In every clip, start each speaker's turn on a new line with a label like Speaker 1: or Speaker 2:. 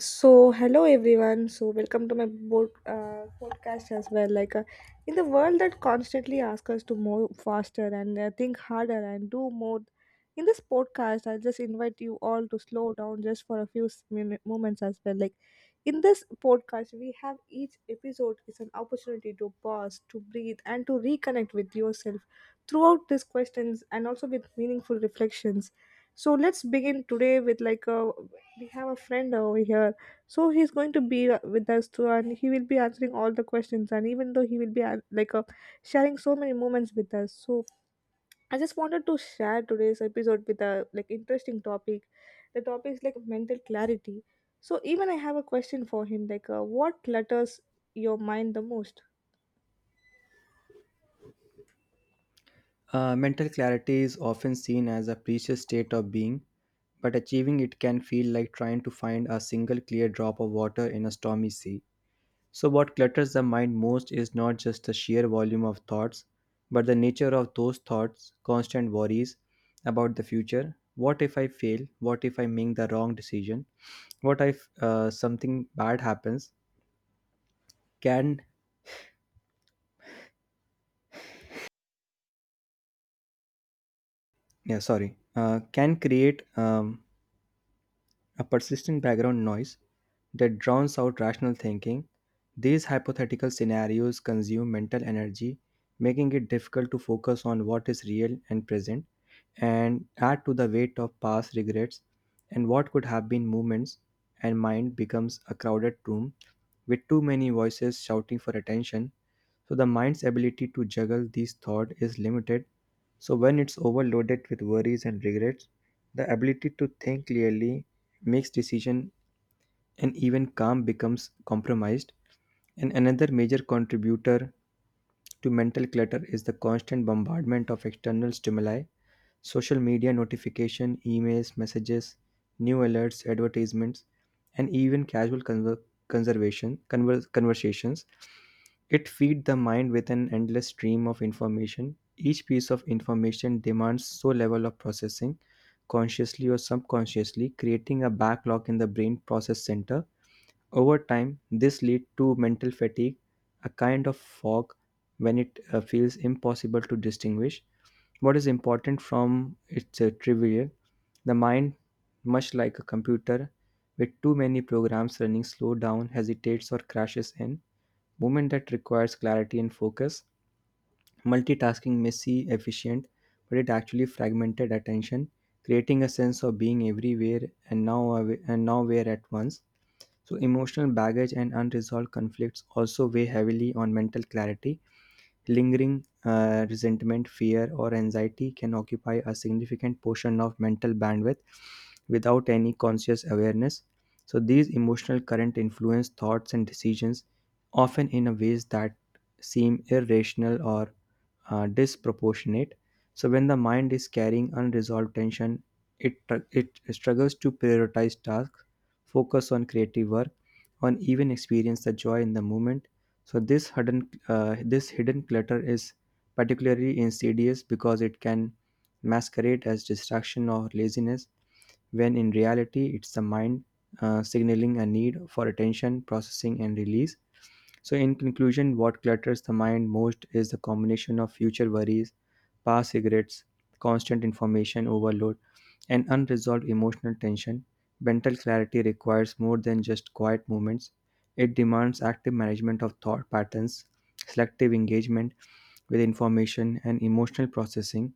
Speaker 1: So, hello everyone. Welcome to my podcast as well. In the world that constantly asks us to move faster and think harder and do more, in this podcast, I just invite you all to slow down just for a few moments as well. In this podcast, we have each episode is an opportunity to pause, to breathe, and to reconnect with yourself throughout these questions and also with meaningful reflections. So, let's begin today with like a we have a friend over here, so he's going to be with us too, and he will be answering all the questions, and even though he will be sharing so many moments with us. So I just wanted to share today's episode with a like interesting topic. The topic is like mental clarity. So even I have a question for him like, what clutters your mind the most?
Speaker 2: Mental clarity is often seen as a precious state of being, but achieving it can feel like trying to find a single clear drop of water in a stormy sea. So, what clutters the mind most is not just the sheer volume of thoughts, but the nature of those thoughts, constant worries about the future. What if I fail? What if I make the wrong decision? What if something bad happens? Can can create a persistent background noise that drowns out rational thinking. These hypothetical scenarios consume mental energy, making it difficult to focus on what is real and present, and add to the weight of past regrets and what could have been moments. And mind becomes a crowded room with too many voices shouting for attention. So the mind's ability to juggle these thoughts is limited. So when it's overloaded with worries and regrets, the ability to think clearly makes decision and even calm becomes compromised. And another major contributor to mental clutter is the constant bombardment of external stimuli, social media notification, emails, messages, new alerts, advertisements, and even casual conver- conservation conver- conversations. It feeds the mind with an endless stream of information. Each piece of information demands so level of processing, consciously or subconsciously, creating a backlog in the brain process center over time, this leads to mental fatigue, a kind of fog when it feels impossible to distinguish what is important from its trivial. The mind, much like a computer with too many programs running slow down, hesitates or crashes in movement that requires clarity and focus. Multitasking may seem efficient, but it actually fragmented attention, creating a sense of being everywhere and nowhere at once. So, emotional baggage and unresolved conflicts also weigh heavily on mental clarity. Lingering resentment, fear, or anxiety can occupy a significant portion of mental bandwidth without any conscious awareness. So, these emotional current influence thoughts and decisions, often in a ways that seem irrational or disproportionate. So when the mind is carrying unresolved tension, it struggles to prioritize tasks, focus on creative work, or even experience the joy in the moment. So this hidden clutter is particularly insidious because it can masquerade as distraction or laziness when in reality it's the mind signaling a need for attention, processing, and release. So, in conclusion, what clutters the mind most is the combination of future worries, past regrets, constant information overload, and unresolved emotional tension. Mental clarity requires more than just quiet moments. It demands active management of thought patterns, selective engagement with information, and emotional processing.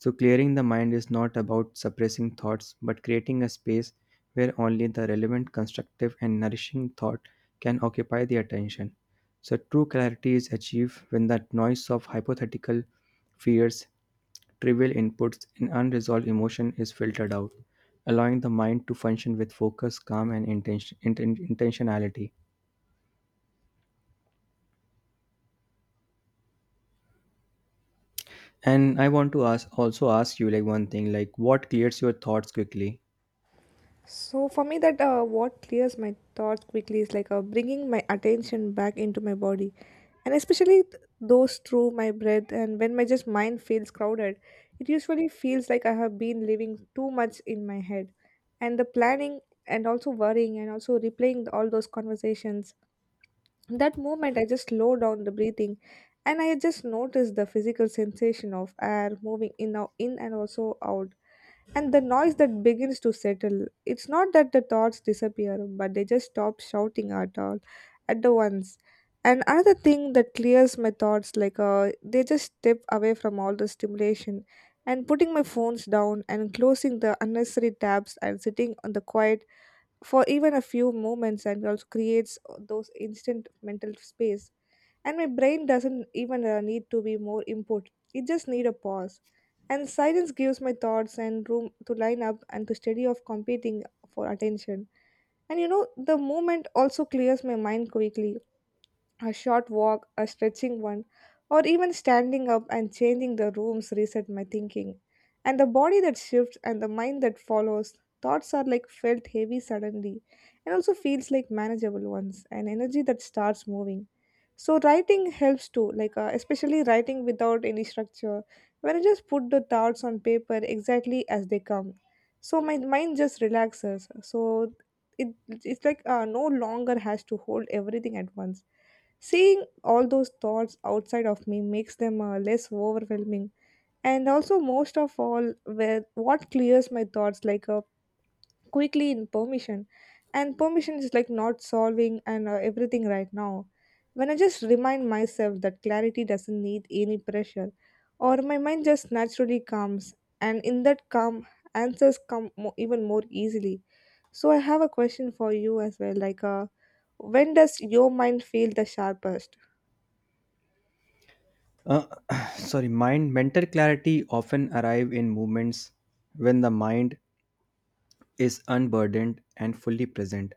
Speaker 2: So, clearing the mind is not about suppressing thoughts but creating a space where only the relevant, constructive, and nourishing thought can occupy the attention. So, true clarity is achieved when the noise of hypothetical fears, trivial inputs and unresolved emotion is filtered out, allowing the mind to function with focus, calm, and intentionality. And I want to ask you like one thing like what clears your thoughts quickly?
Speaker 1: So for me, that what clears my thoughts quickly is bringing my attention back into my body, and especially those through my breath. And when my just mind feels crowded, it usually feels like I have been living too much in my head, and the planning and also worrying and also replaying all those conversations. In that moment, I just slow down the breathing, and I just notice the physical sensation of air moving in, out, in, and also out, and the noise that begins to settle. It's not that the thoughts disappear, but they just stop shouting at all at the once. And another thing that clears my thoughts they just step away from all the stimulation and putting my phones down and closing the unnecessary tabs and sitting on the quiet for even a few moments and also creates those instant mental space. And my brain doesn't even need to be more input. It just need a pause. And silence gives my thoughts and room to line up and to steady of competing for attention. And you know the movement also clears my mind quickly. A short walk, a stretching one, or even standing up and changing the rooms reset my thinking. And the body that shifts and the mind that follows, thoughts are like felt heavy suddenly and also feels like manageable ones and energy that starts moving. So writing helps too, especially writing without any structure, when I just put the thoughts on paper exactly as they come. So my mind just relaxes. So it's no longer has to hold everything at once. Seeing all those thoughts outside of me makes them less overwhelming. And also, most of all, where what clears my thoughts quickly in permission. And permission is like not solving and everything right now. When I just remind myself that clarity doesn't need any pressure, or my mind just naturally calms, and in that calm, answers come even more easily. So, I have a question for you as well like, when does your mind feel the sharpest?
Speaker 2: Uh, sorry, mind mental clarity often arrive in moments when the mind is unburdened and fully present,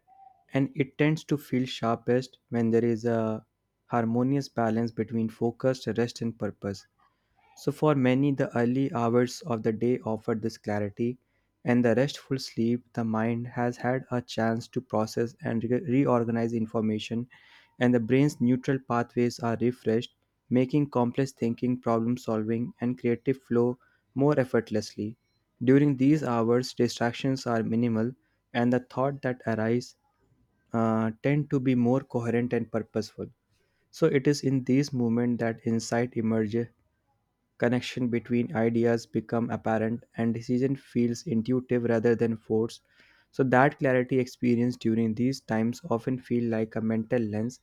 Speaker 2: and it tends to feel sharpest when there is a harmonious balance between focus, rest, and purpose. So, for many, the early hours of the day offered this clarity, and the restful sleep, the mind has had a chance to process and reorganize information, and the brain's neutral pathways are refreshed, making complex thinking, problem solving, and creative flow more effortlessly. During these hours, distractions are minimal, and the thought that arise tend to be more coherent and purposeful. So it is in these moments that insight emerges, connection between ideas become apparent and decision feels intuitive rather than forced, so that clarity experienced during these times often feel like a mental lens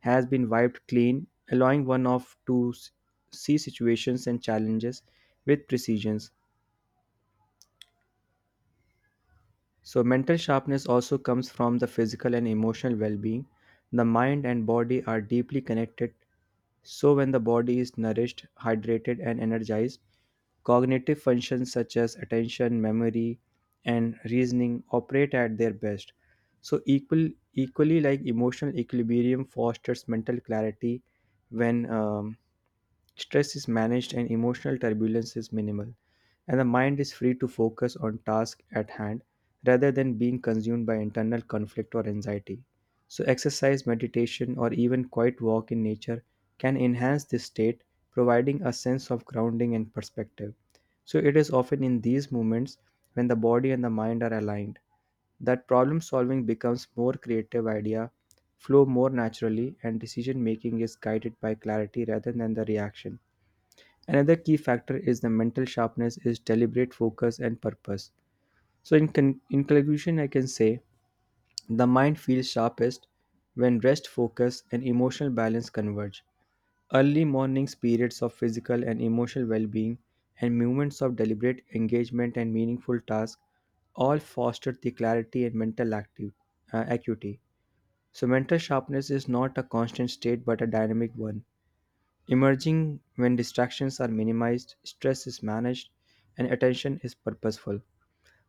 Speaker 2: has been wiped clean, allowing one of to s- see situations and challenges with precision. So, mental sharpness also comes from the physical and emotional well being. The mind and body are deeply connected, so, when the body is nourished, hydrated, and energized, cognitive functions such as attention, memory, and reasoning operate at their best. So, equally like emotional equilibrium fosters mental clarity when stress is managed and emotional turbulence is minimal, and the mind is free to focus on tasks at hand rather than being consumed by internal conflict or anxiety. So, exercise, meditation, or even quiet walk in nature can enhance this state, providing a sense of grounding and perspective. So, it is often in these moments when the body and the mind are aligned that problem solving becomes more creative, idea flow more naturally and decision making is guided by clarity rather than the reaction. Another key factor is the mental sharpness is deliberate focus and purpose. So in conclusion I can say the mind feels sharpest when rest focus and emotional balance converge. Early mornings periods of physical and emotional well-being and moments of deliberate engagement and meaningful tasks all foster the clarity and mental acuity. So mental sharpness is not a constant state but a dynamic one, emerging when distractions are minimized, stress is managed, and attention is purposeful.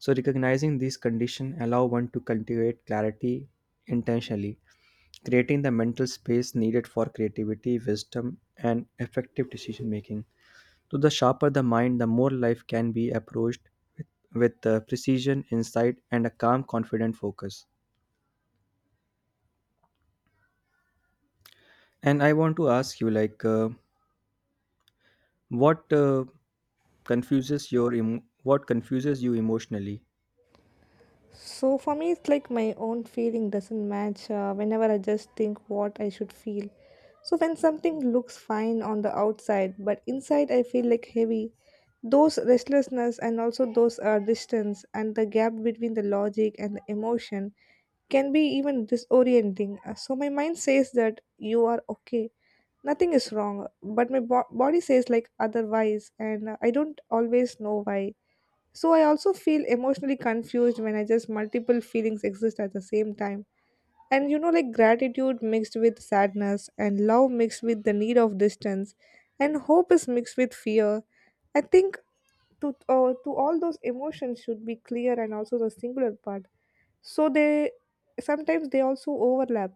Speaker 2: So recognizing these conditions allow one to cultivate clarity intentionally, creating the mental space needed for creativity, wisdom, and effective decision making. So the sharper the mind, the more life can be approached with, with precision, insight, and a calm, confident focus. And I want to ask you, like, what confuses your emo- what confuses you emotionally?
Speaker 1: So for me, it's like my own feeling doesn't match whenever I just think what I should feel. So when something looks fine on the outside, but inside I feel like heavy, those restlessness and also those distance and the gap between the logic and the emotion can be even disorienting. So my mind says that you are okay, nothing is wrong, but my body says like otherwise, and I don't always know why. So I also feel emotionally confused when I just multiple feelings exist at the same time. And you know, like gratitude mixed with sadness, and love mixed with the need of distance, and hope is mixed with fear. I think to all those emotions should be clear and also the singular part. So they sometimes they also overlap.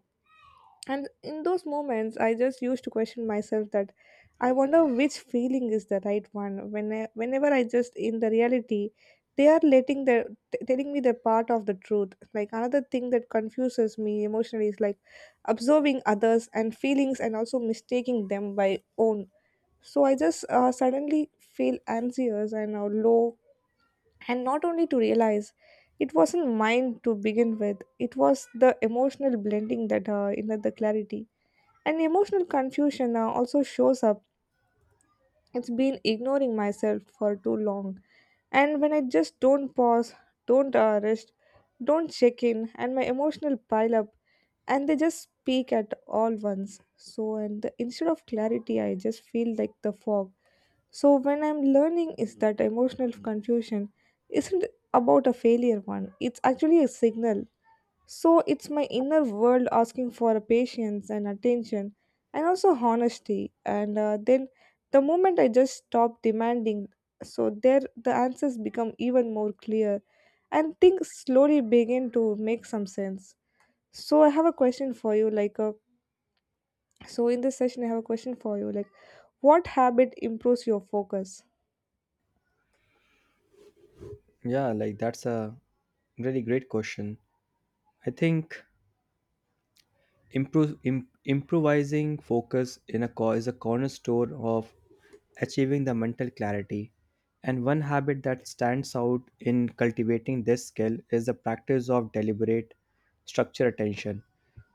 Speaker 1: And in those moments, I just used to question myself that I wonder which feeling is the right one. When I, whenever I just in the reality, they are letting their telling me the part of the truth. Like another thing that confuses me emotionally is like observing others and feelings and also mistaking them by own. So I just suddenly feel anxious and low, and not only to realize it wasn't mine to begin with. It was the emotional blending that in the clarity. And emotional confusion now also shows up. It's been ignoring myself for too long. And when I just don't pause, don't rest, don't check in, and my emotional pile up, and they just speak at all once. So, and the, instead of clarity, I just feel like the fog. So, when I'm learning, is that emotional confusion isn't about a failure one, it's actually a signal, so it's my inner world asking for patience and attention and also honesty. And then the moment I just stop demanding, so there the answers become even more clear and things slowly begin to make some sense. So I have a question for you like, So in this session I have a question for you like what habit improves your focus?
Speaker 2: Yeah, like that's a really great question. I think improvising focus is a cornerstone of achieving the mental clarity. And one habit that stands out in cultivating this skill is the practice of deliberate structured attention,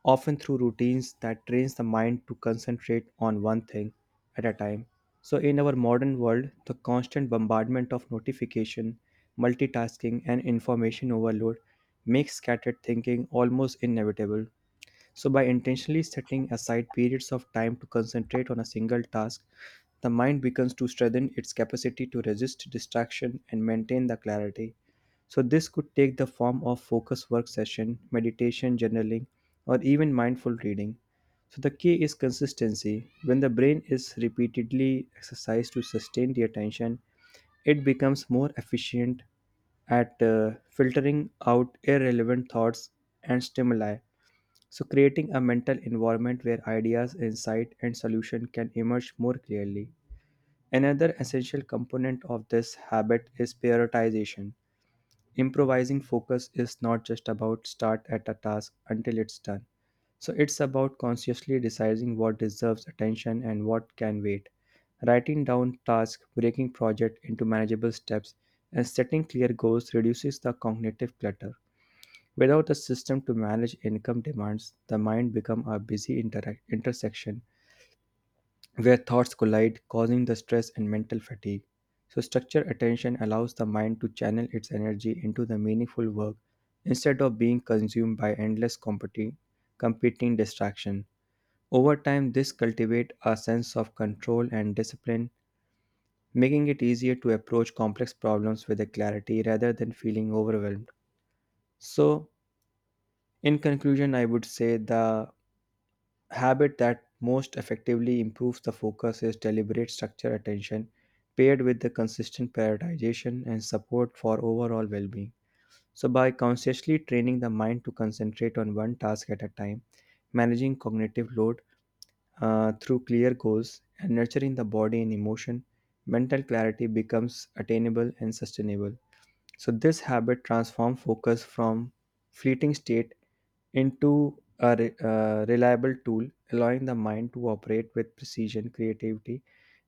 Speaker 2: often through routines that trains the mind to concentrate on one thing at a time. So in our modern world, the constant bombardment of notification, multitasking and information overload makes scattered thinking almost inevitable. So, by intentionally setting aside periods of time to concentrate on a single task, the mind begins to strengthen its capacity to resist distraction and maintain the clarity. So, this could take the form of focus work session, meditation, journaling, or even mindful reading. So, the key is consistency. When the brain is repeatedly exercised to sustain the attention, it becomes more efficient at filtering out irrelevant thoughts and stimuli, so, creating a mental environment where ideas, insight, and solution can emerge more clearly. Another essential component of this habit is prioritization. Improvising focus is not just about start at a task until it's done. So, it's about consciously deciding what deserves attention and what can wait. Writing down tasks, breaking project into manageable steps, and setting clear goals reduces the cognitive clutter. Without a system to manage income demands, the mind becomes a busy interac intersection where thoughts collide, causing the stress and mental fatigue. So, structured attention allows the mind to channel its energy into the meaningful work instead of being consumed by endless competing distraction. Over time, this cultivates a sense of control and discipline, making it easier to approach complex problems with a clarity rather than feeling overwhelmed. So, in conclusion, I would say the habit that most effectively improves the focus is deliberate structure attention paired with the consistent prioritization and support for overall well-being, so by consciously training the mind to concentrate on one task at a time, managing cognitive load through clear goals and nurturing the body and emotion, mental clarity becomes attainable and sustainable. So this habit transforms focus from fleeting state into a reliable tool, allowing the mind to operate with precision, creativity,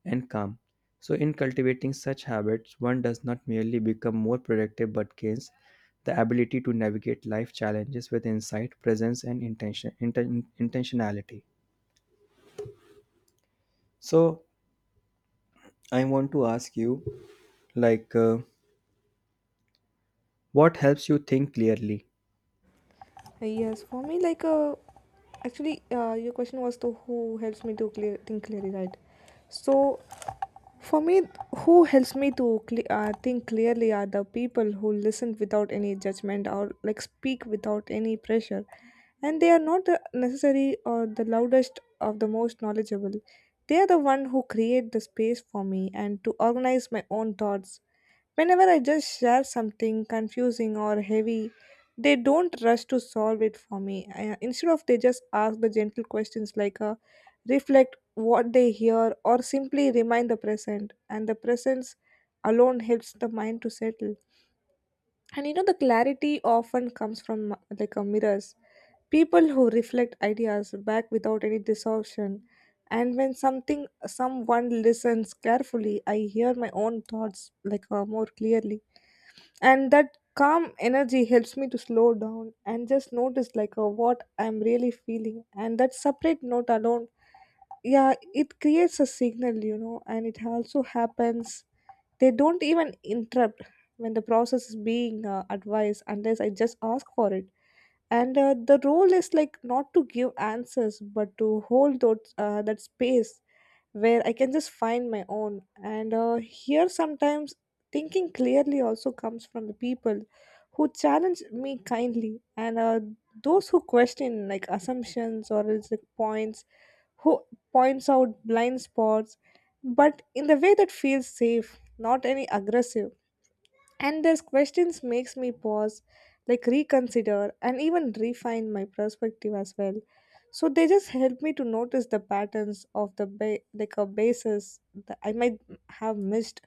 Speaker 2: and calm. So, in cultivating such habits, one does not merely become more productive but gains the ability to navigate life challenges with insight, presence, and intentionality. So, I want to ask you, like, what helps you think clearly?
Speaker 1: Yes, for me like, actually your question was to who helps me to clear think clearly, right? So for me, who helps me to think clearly are the people who listen without any judgment or like speak without any pressure, and they are not the necessary or the loudest of the most knowledgeable. They are the one who create the space for me and to organize my own thoughts whenever I just share something confusing or heavy. They don't rush to solve it for me. I, instead of they just ask the gentle questions like, reflect what they hear or simply remind the present, and the presence alone helps the mind to settle. And you know the clarity often comes from like a mirrors, people who reflect ideas back without any distortion. And when something someone listens carefully, I hear my own thoughts more clearly, and that calm energy helps me to slow down and just notice like, what I'm really feeling, and that separate note alone, yeah, it creates a signal, you know. And it also happens they don't even interrupt when the process is being advised unless I just ask for it. And the role is like not to give answers, but to hold those, that space where I can just find my own. And here sometimes thinking clearly also comes from the people who challenge me kindly and, those who question like assumptions or is like points who points out blind spots, but in the way that feels safe, not any aggressive. And these questions makes me pause, like reconsider and even refine my perspective as well. So they just help me to notice the patterns of the like a basis that I might have missed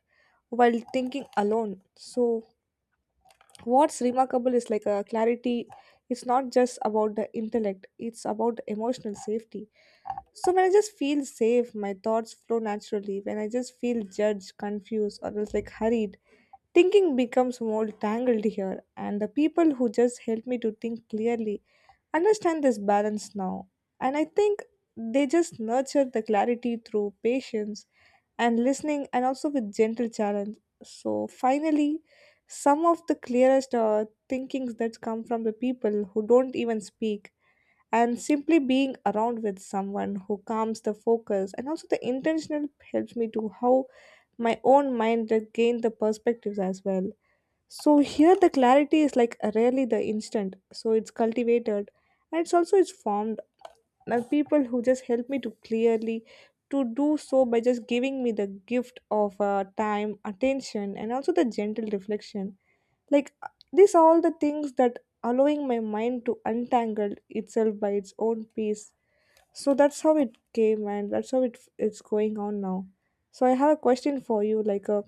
Speaker 1: while thinking alone. So what's remarkable is like a clarity. It's not just about the intellect; it's about emotional safety. So when I just feel safe, my thoughts flow naturally. When I just feel judged, confused, or else like hurried, thinking becomes more tangled here. And the people who just help me to think clearly understand this balance now. And I think they just nurture the clarity through patience and listening and also with gentle challenge. So finally, some of the clearest thinkings that come from the people who don't even speak, and simply being around with someone who calms the focus and also the intentional helps me to how my own mind like, gain the perspectives as well. So here the clarity is like rarely the instant, so it's cultivated, and it's also it's formed now. People who just help me to clearly to do so by just giving me the gift of time attention and also the gentle reflection, like, these are all the things that allowing my mind to untangle itself by its own pace. So that's how it came and that's how it's going on now. So I have a question for you like,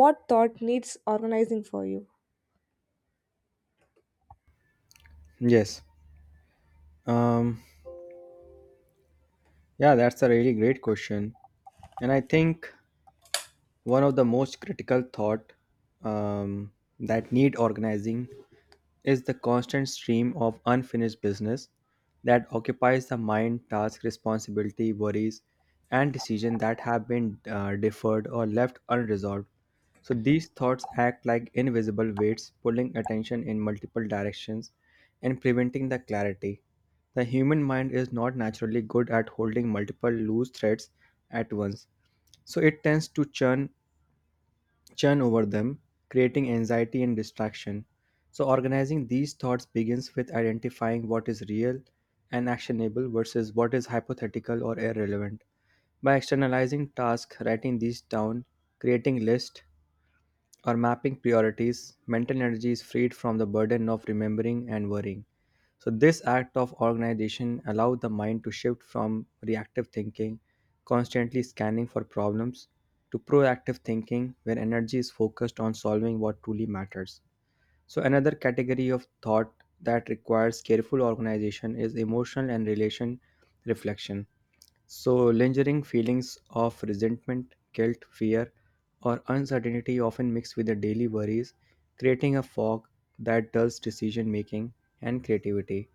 Speaker 1: what thought needs organizing for you?
Speaker 2: Yes. Um, yeah, that's a really great question. And I think one of the most critical thought um, that need organizing is the constant stream of unfinished business that occupies the mind task responsibility worries and decisions that have been deferred or left unresolved, so these thoughts act like invisible weights pulling attention in multiple directions and preventing the clarity. The human mind is not naturally good at holding multiple loose threads at once, so it tends to churn over them, creating anxiety and distraction. So, organizing these thoughts begins with identifying what is real and actionable versus what is hypothetical or irrelevant. By externalizing tasks, writing these down, creating lists, or mapping priorities, mental energy is freed from the burden of remembering and worrying. So, this act of organization allows the mind to shift from reactive thinking, constantly scanning for problems, to proactive thinking, where energy is focused on solving what truly matters. So, another category of thought that requires careful organization is emotional and relation reflection. So, lingering feelings of resentment, guilt, fear, or uncertainty often mix with the daily worries, creating a fog that dulls decision making and creativity.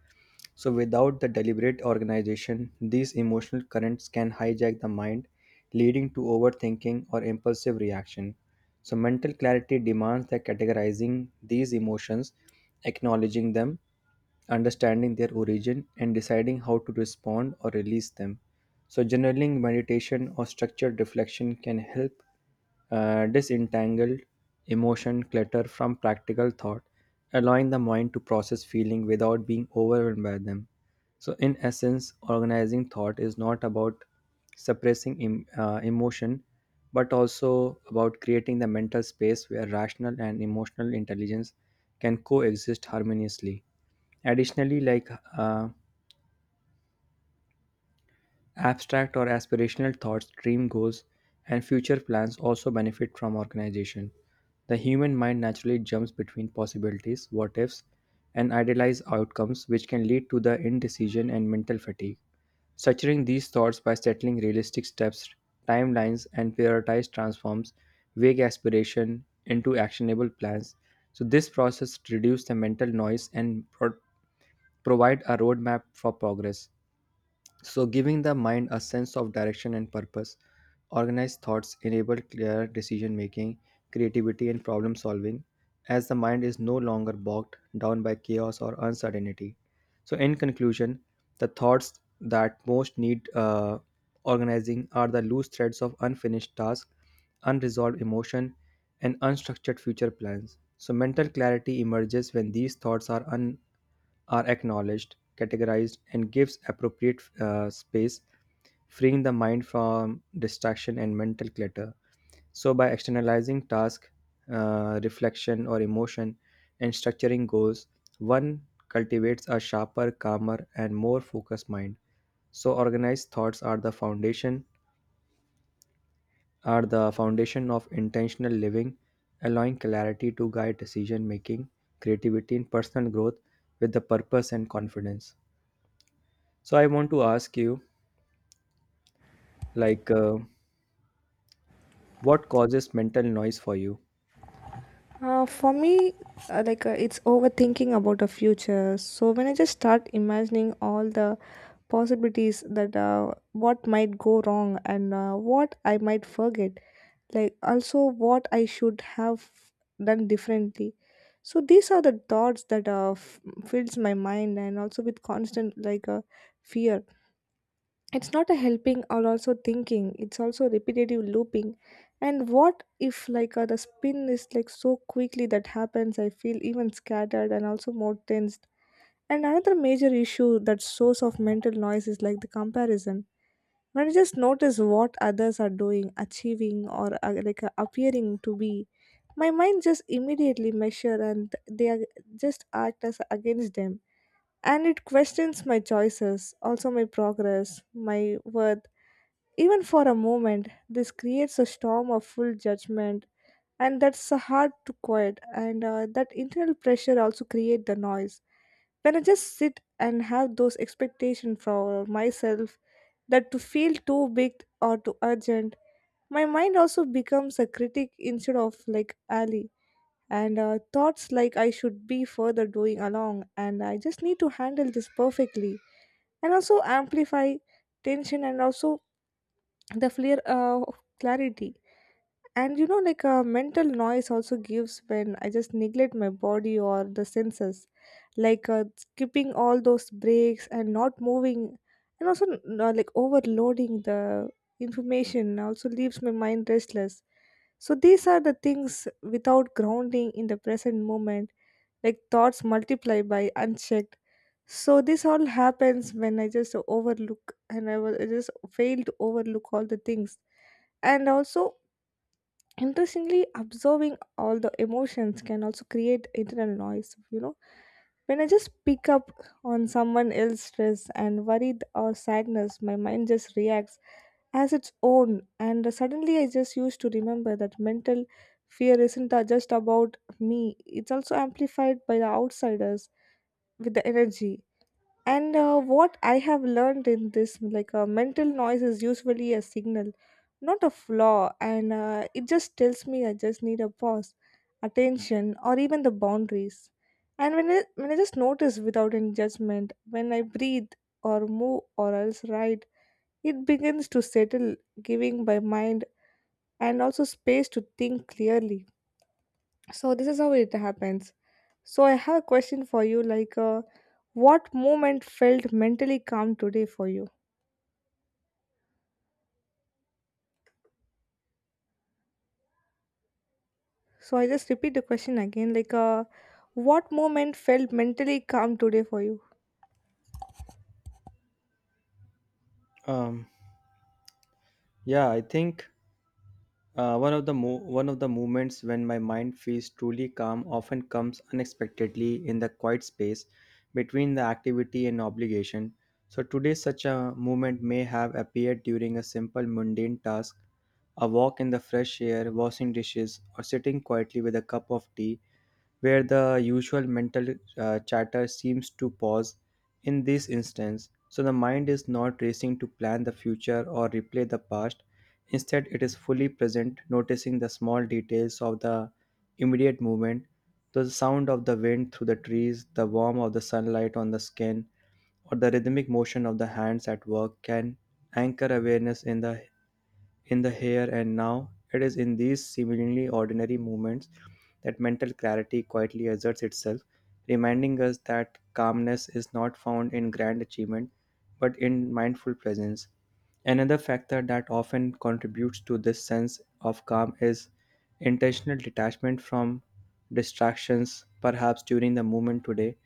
Speaker 2: So, without the deliberate organization, these emotional currents can hijack the mind, leading to overthinking or impulsive reaction. So, mental clarity demands that categorizing these emotions, acknowledging them, understanding their origin, and deciding how to respond or release them. So, journaling, meditation, or structured reflection can help disentangle emotion clutter from practical thought, allowing the mind to process feeling without being overwhelmed by them. So, in essence, organizing thought is not about suppressing emotion, but also about creating the mental space where rational and emotional intelligence can coexist harmoniously. Additionally, like uh, abstract or aspirational thoughts, dream goals, and future plans also benefit from organization. The human mind naturally jumps between possibilities, what ifs, and idealized outcomes, which can lead to the indecision and mental fatigue. Structuring these thoughts by settling realistic steps, timelines, and prioritized transforms vague aspiration into actionable plans. So, this process reduces the mental noise and provide a roadmap for progress. So, giving the mind a sense of direction and purpose, organized thoughts enable clear decision making, creativity, and problem solving, as the mind is no longer bogged down by chaos or uncertainty. So, in conclusion, the thoughts that most need organizing are the loose threads of unfinished tasks, unresolved emotion, and unstructured future plans. So, mental clarity emerges when these thoughts are acknowledged, categorized, and gives appropriate space, freeing the mind from distraction and mental clutter. So, by externalizing task, reflection, or emotion, and structuring goals, one cultivates a sharper, calmer, and more focused mind. So, organized thoughts are the foundation of intentional living, allowing clarity to guide decision making, creativity, and personal growth with the purpose and confidence. So, I want to ask you, like, uh, what causes mental noise for you?
Speaker 1: For me, it's overthinking about the future. So when I just start imagining all the possibilities that what might go wrong and what I might forget, like also what I should have done differently. So these are the thoughts that fills my mind and also with constant like, fear. It's not a helping or also thinking, it's also repetitive looping. And what if, the spin is like so quickly that happens, I feel even scattered and also more tensed. And another major issue that source of mental noise is like the comparison. When I just notice what others are doing, achieving, or appearing to be, my mind just immediately measure and they are just act as against them, and it questions my choices, also my progress, my worth. Even for a moment, this creates a storm of full judgment, and that's hard to quiet. And that internal pressure also creates the noise. When I just sit and have those expectations for myself that to feel too big or too urgent, my mind also becomes a critic instead of like ally. And thoughts like I should be further doing along, and I just need to handle this perfectly, and also amplify tension and also the flare of clarity. And you know like a mental noise also gives when I just neglect my body or the senses, like skipping all those breaks and not moving, and also like overloading the information, also leaves my mind restless. So these are the things without grounding in the present moment, like thoughts multiply by unchecked. So this all happens when I just overlook and I just fail to overlook all the things. And also, interestingly, observing all the emotions can also create internal noise. You know, when I just pick up on someone else's stress and worried or sadness, my mind just reacts as its own. And suddenly, I just used to remember that mental fear isn't just about me, it's also amplified by the outsiders with the energy. And what I have learned in this, like mental noise is usually a signal, not a flaw. And it just tells me I just need a pause, attention, or even the boundaries. And when I just notice without any judgment, when I breathe or move or else write, it begins to settle, giving my mind and also space to think clearly. So this is how it happens. So I have a question for you, like what moment felt mentally calm today for you? So I just repeat the question again, like what moment felt mentally calm today for you?
Speaker 2: Um, yeah, I think one of the one of the moments when my mind feels truly calm often comes unexpectedly in the quiet space between the activity and obligation. So today, such a moment may have appeared during a simple mundane task, a walk in the fresh air, washing dishes, or sitting quietly with a cup of tea where the usual mental chatter seems to pause in this instance. So the mind is not racing to plan the future or replay the past. Instead, it is fully present, noticing the small details of the immediate movement, the sound of the wind through the trees, the warmth of the sunlight on the skin, or the rhythmic motion of the hands at work can anchor awareness in the here and now. It is in these seemingly ordinary moments that mental clarity quietly asserts itself, reminding us that calmness is not found in grand achievement but in mindful presence. Another factor that often contributes to this sense of calm is intentional detachment from distractions. Perhaps during the movement today,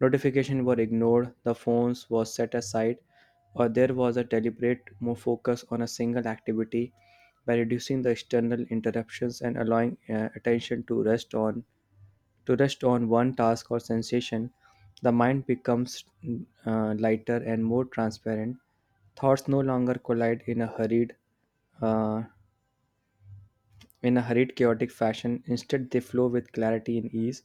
Speaker 2: notification were ignored, the phones were set aside, or there was a deliberate more focus on a single activity by reducing the external interruptions and allowing attention to rest on one task or sensation the mind becomes lighter and more transparent thoughts no longer collide in a hurried uh, in a hurried, chaotic fashion. Instead, they flow with clarity and ease.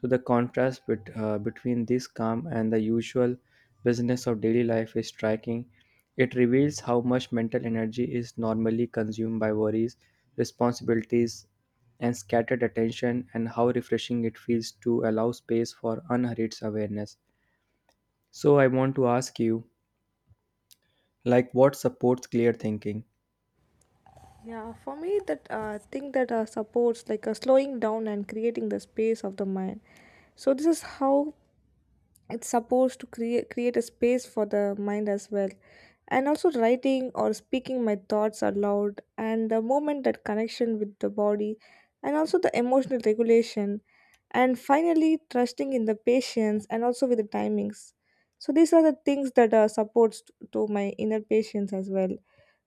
Speaker 2: So, the contrast between this calm and the usual business of daily life is striking. It reveals how much mental energy is normally consumed by worries, responsibilities, and scattered attention, and how refreshing it feels to allow space for unhurried awareness. So, I want to ask you, like, what supports clear thinking?
Speaker 1: Yeah, for me that thing that supports like slowing down and creating the space of the mind. So this is how it's supposed to create a space for the mind as well, and also writing or speaking my thoughts aloud, and the moment that connection with the body, and also the emotional regulation, and finally trusting in the patience and also with the timings. So these are the things that are supports to my inner patience as well.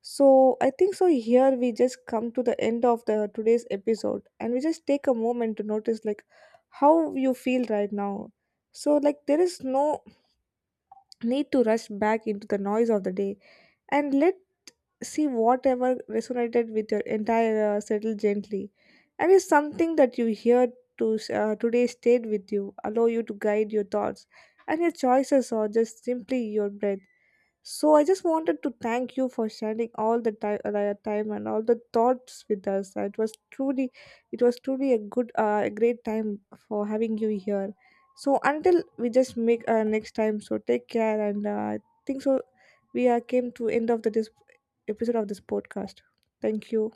Speaker 1: So I think so, here we just come to the end of the today's episode, and we just take a moment to notice like how you feel right now. So, like, there is no need to rush back into the noise of the day, and let see whatever resonated with your entire settle gently. And if something that you hear to, today stayed with you, allow you to guide your thoughts and your choices, or just simply your breath. So I just wanted to thank you for sharing all the time, your time and all the thoughts with us. It was truly a good, a great time for having you here. So until we just make next time. So take care, and I think so. We are came to end of the this episode of this podcast. Thank you.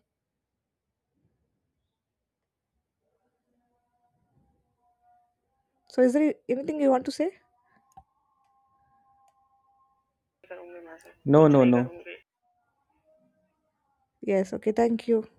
Speaker 1: So is there anything you want to say?
Speaker 2: No, no, no.
Speaker 1: Yes. Okay. Thank you.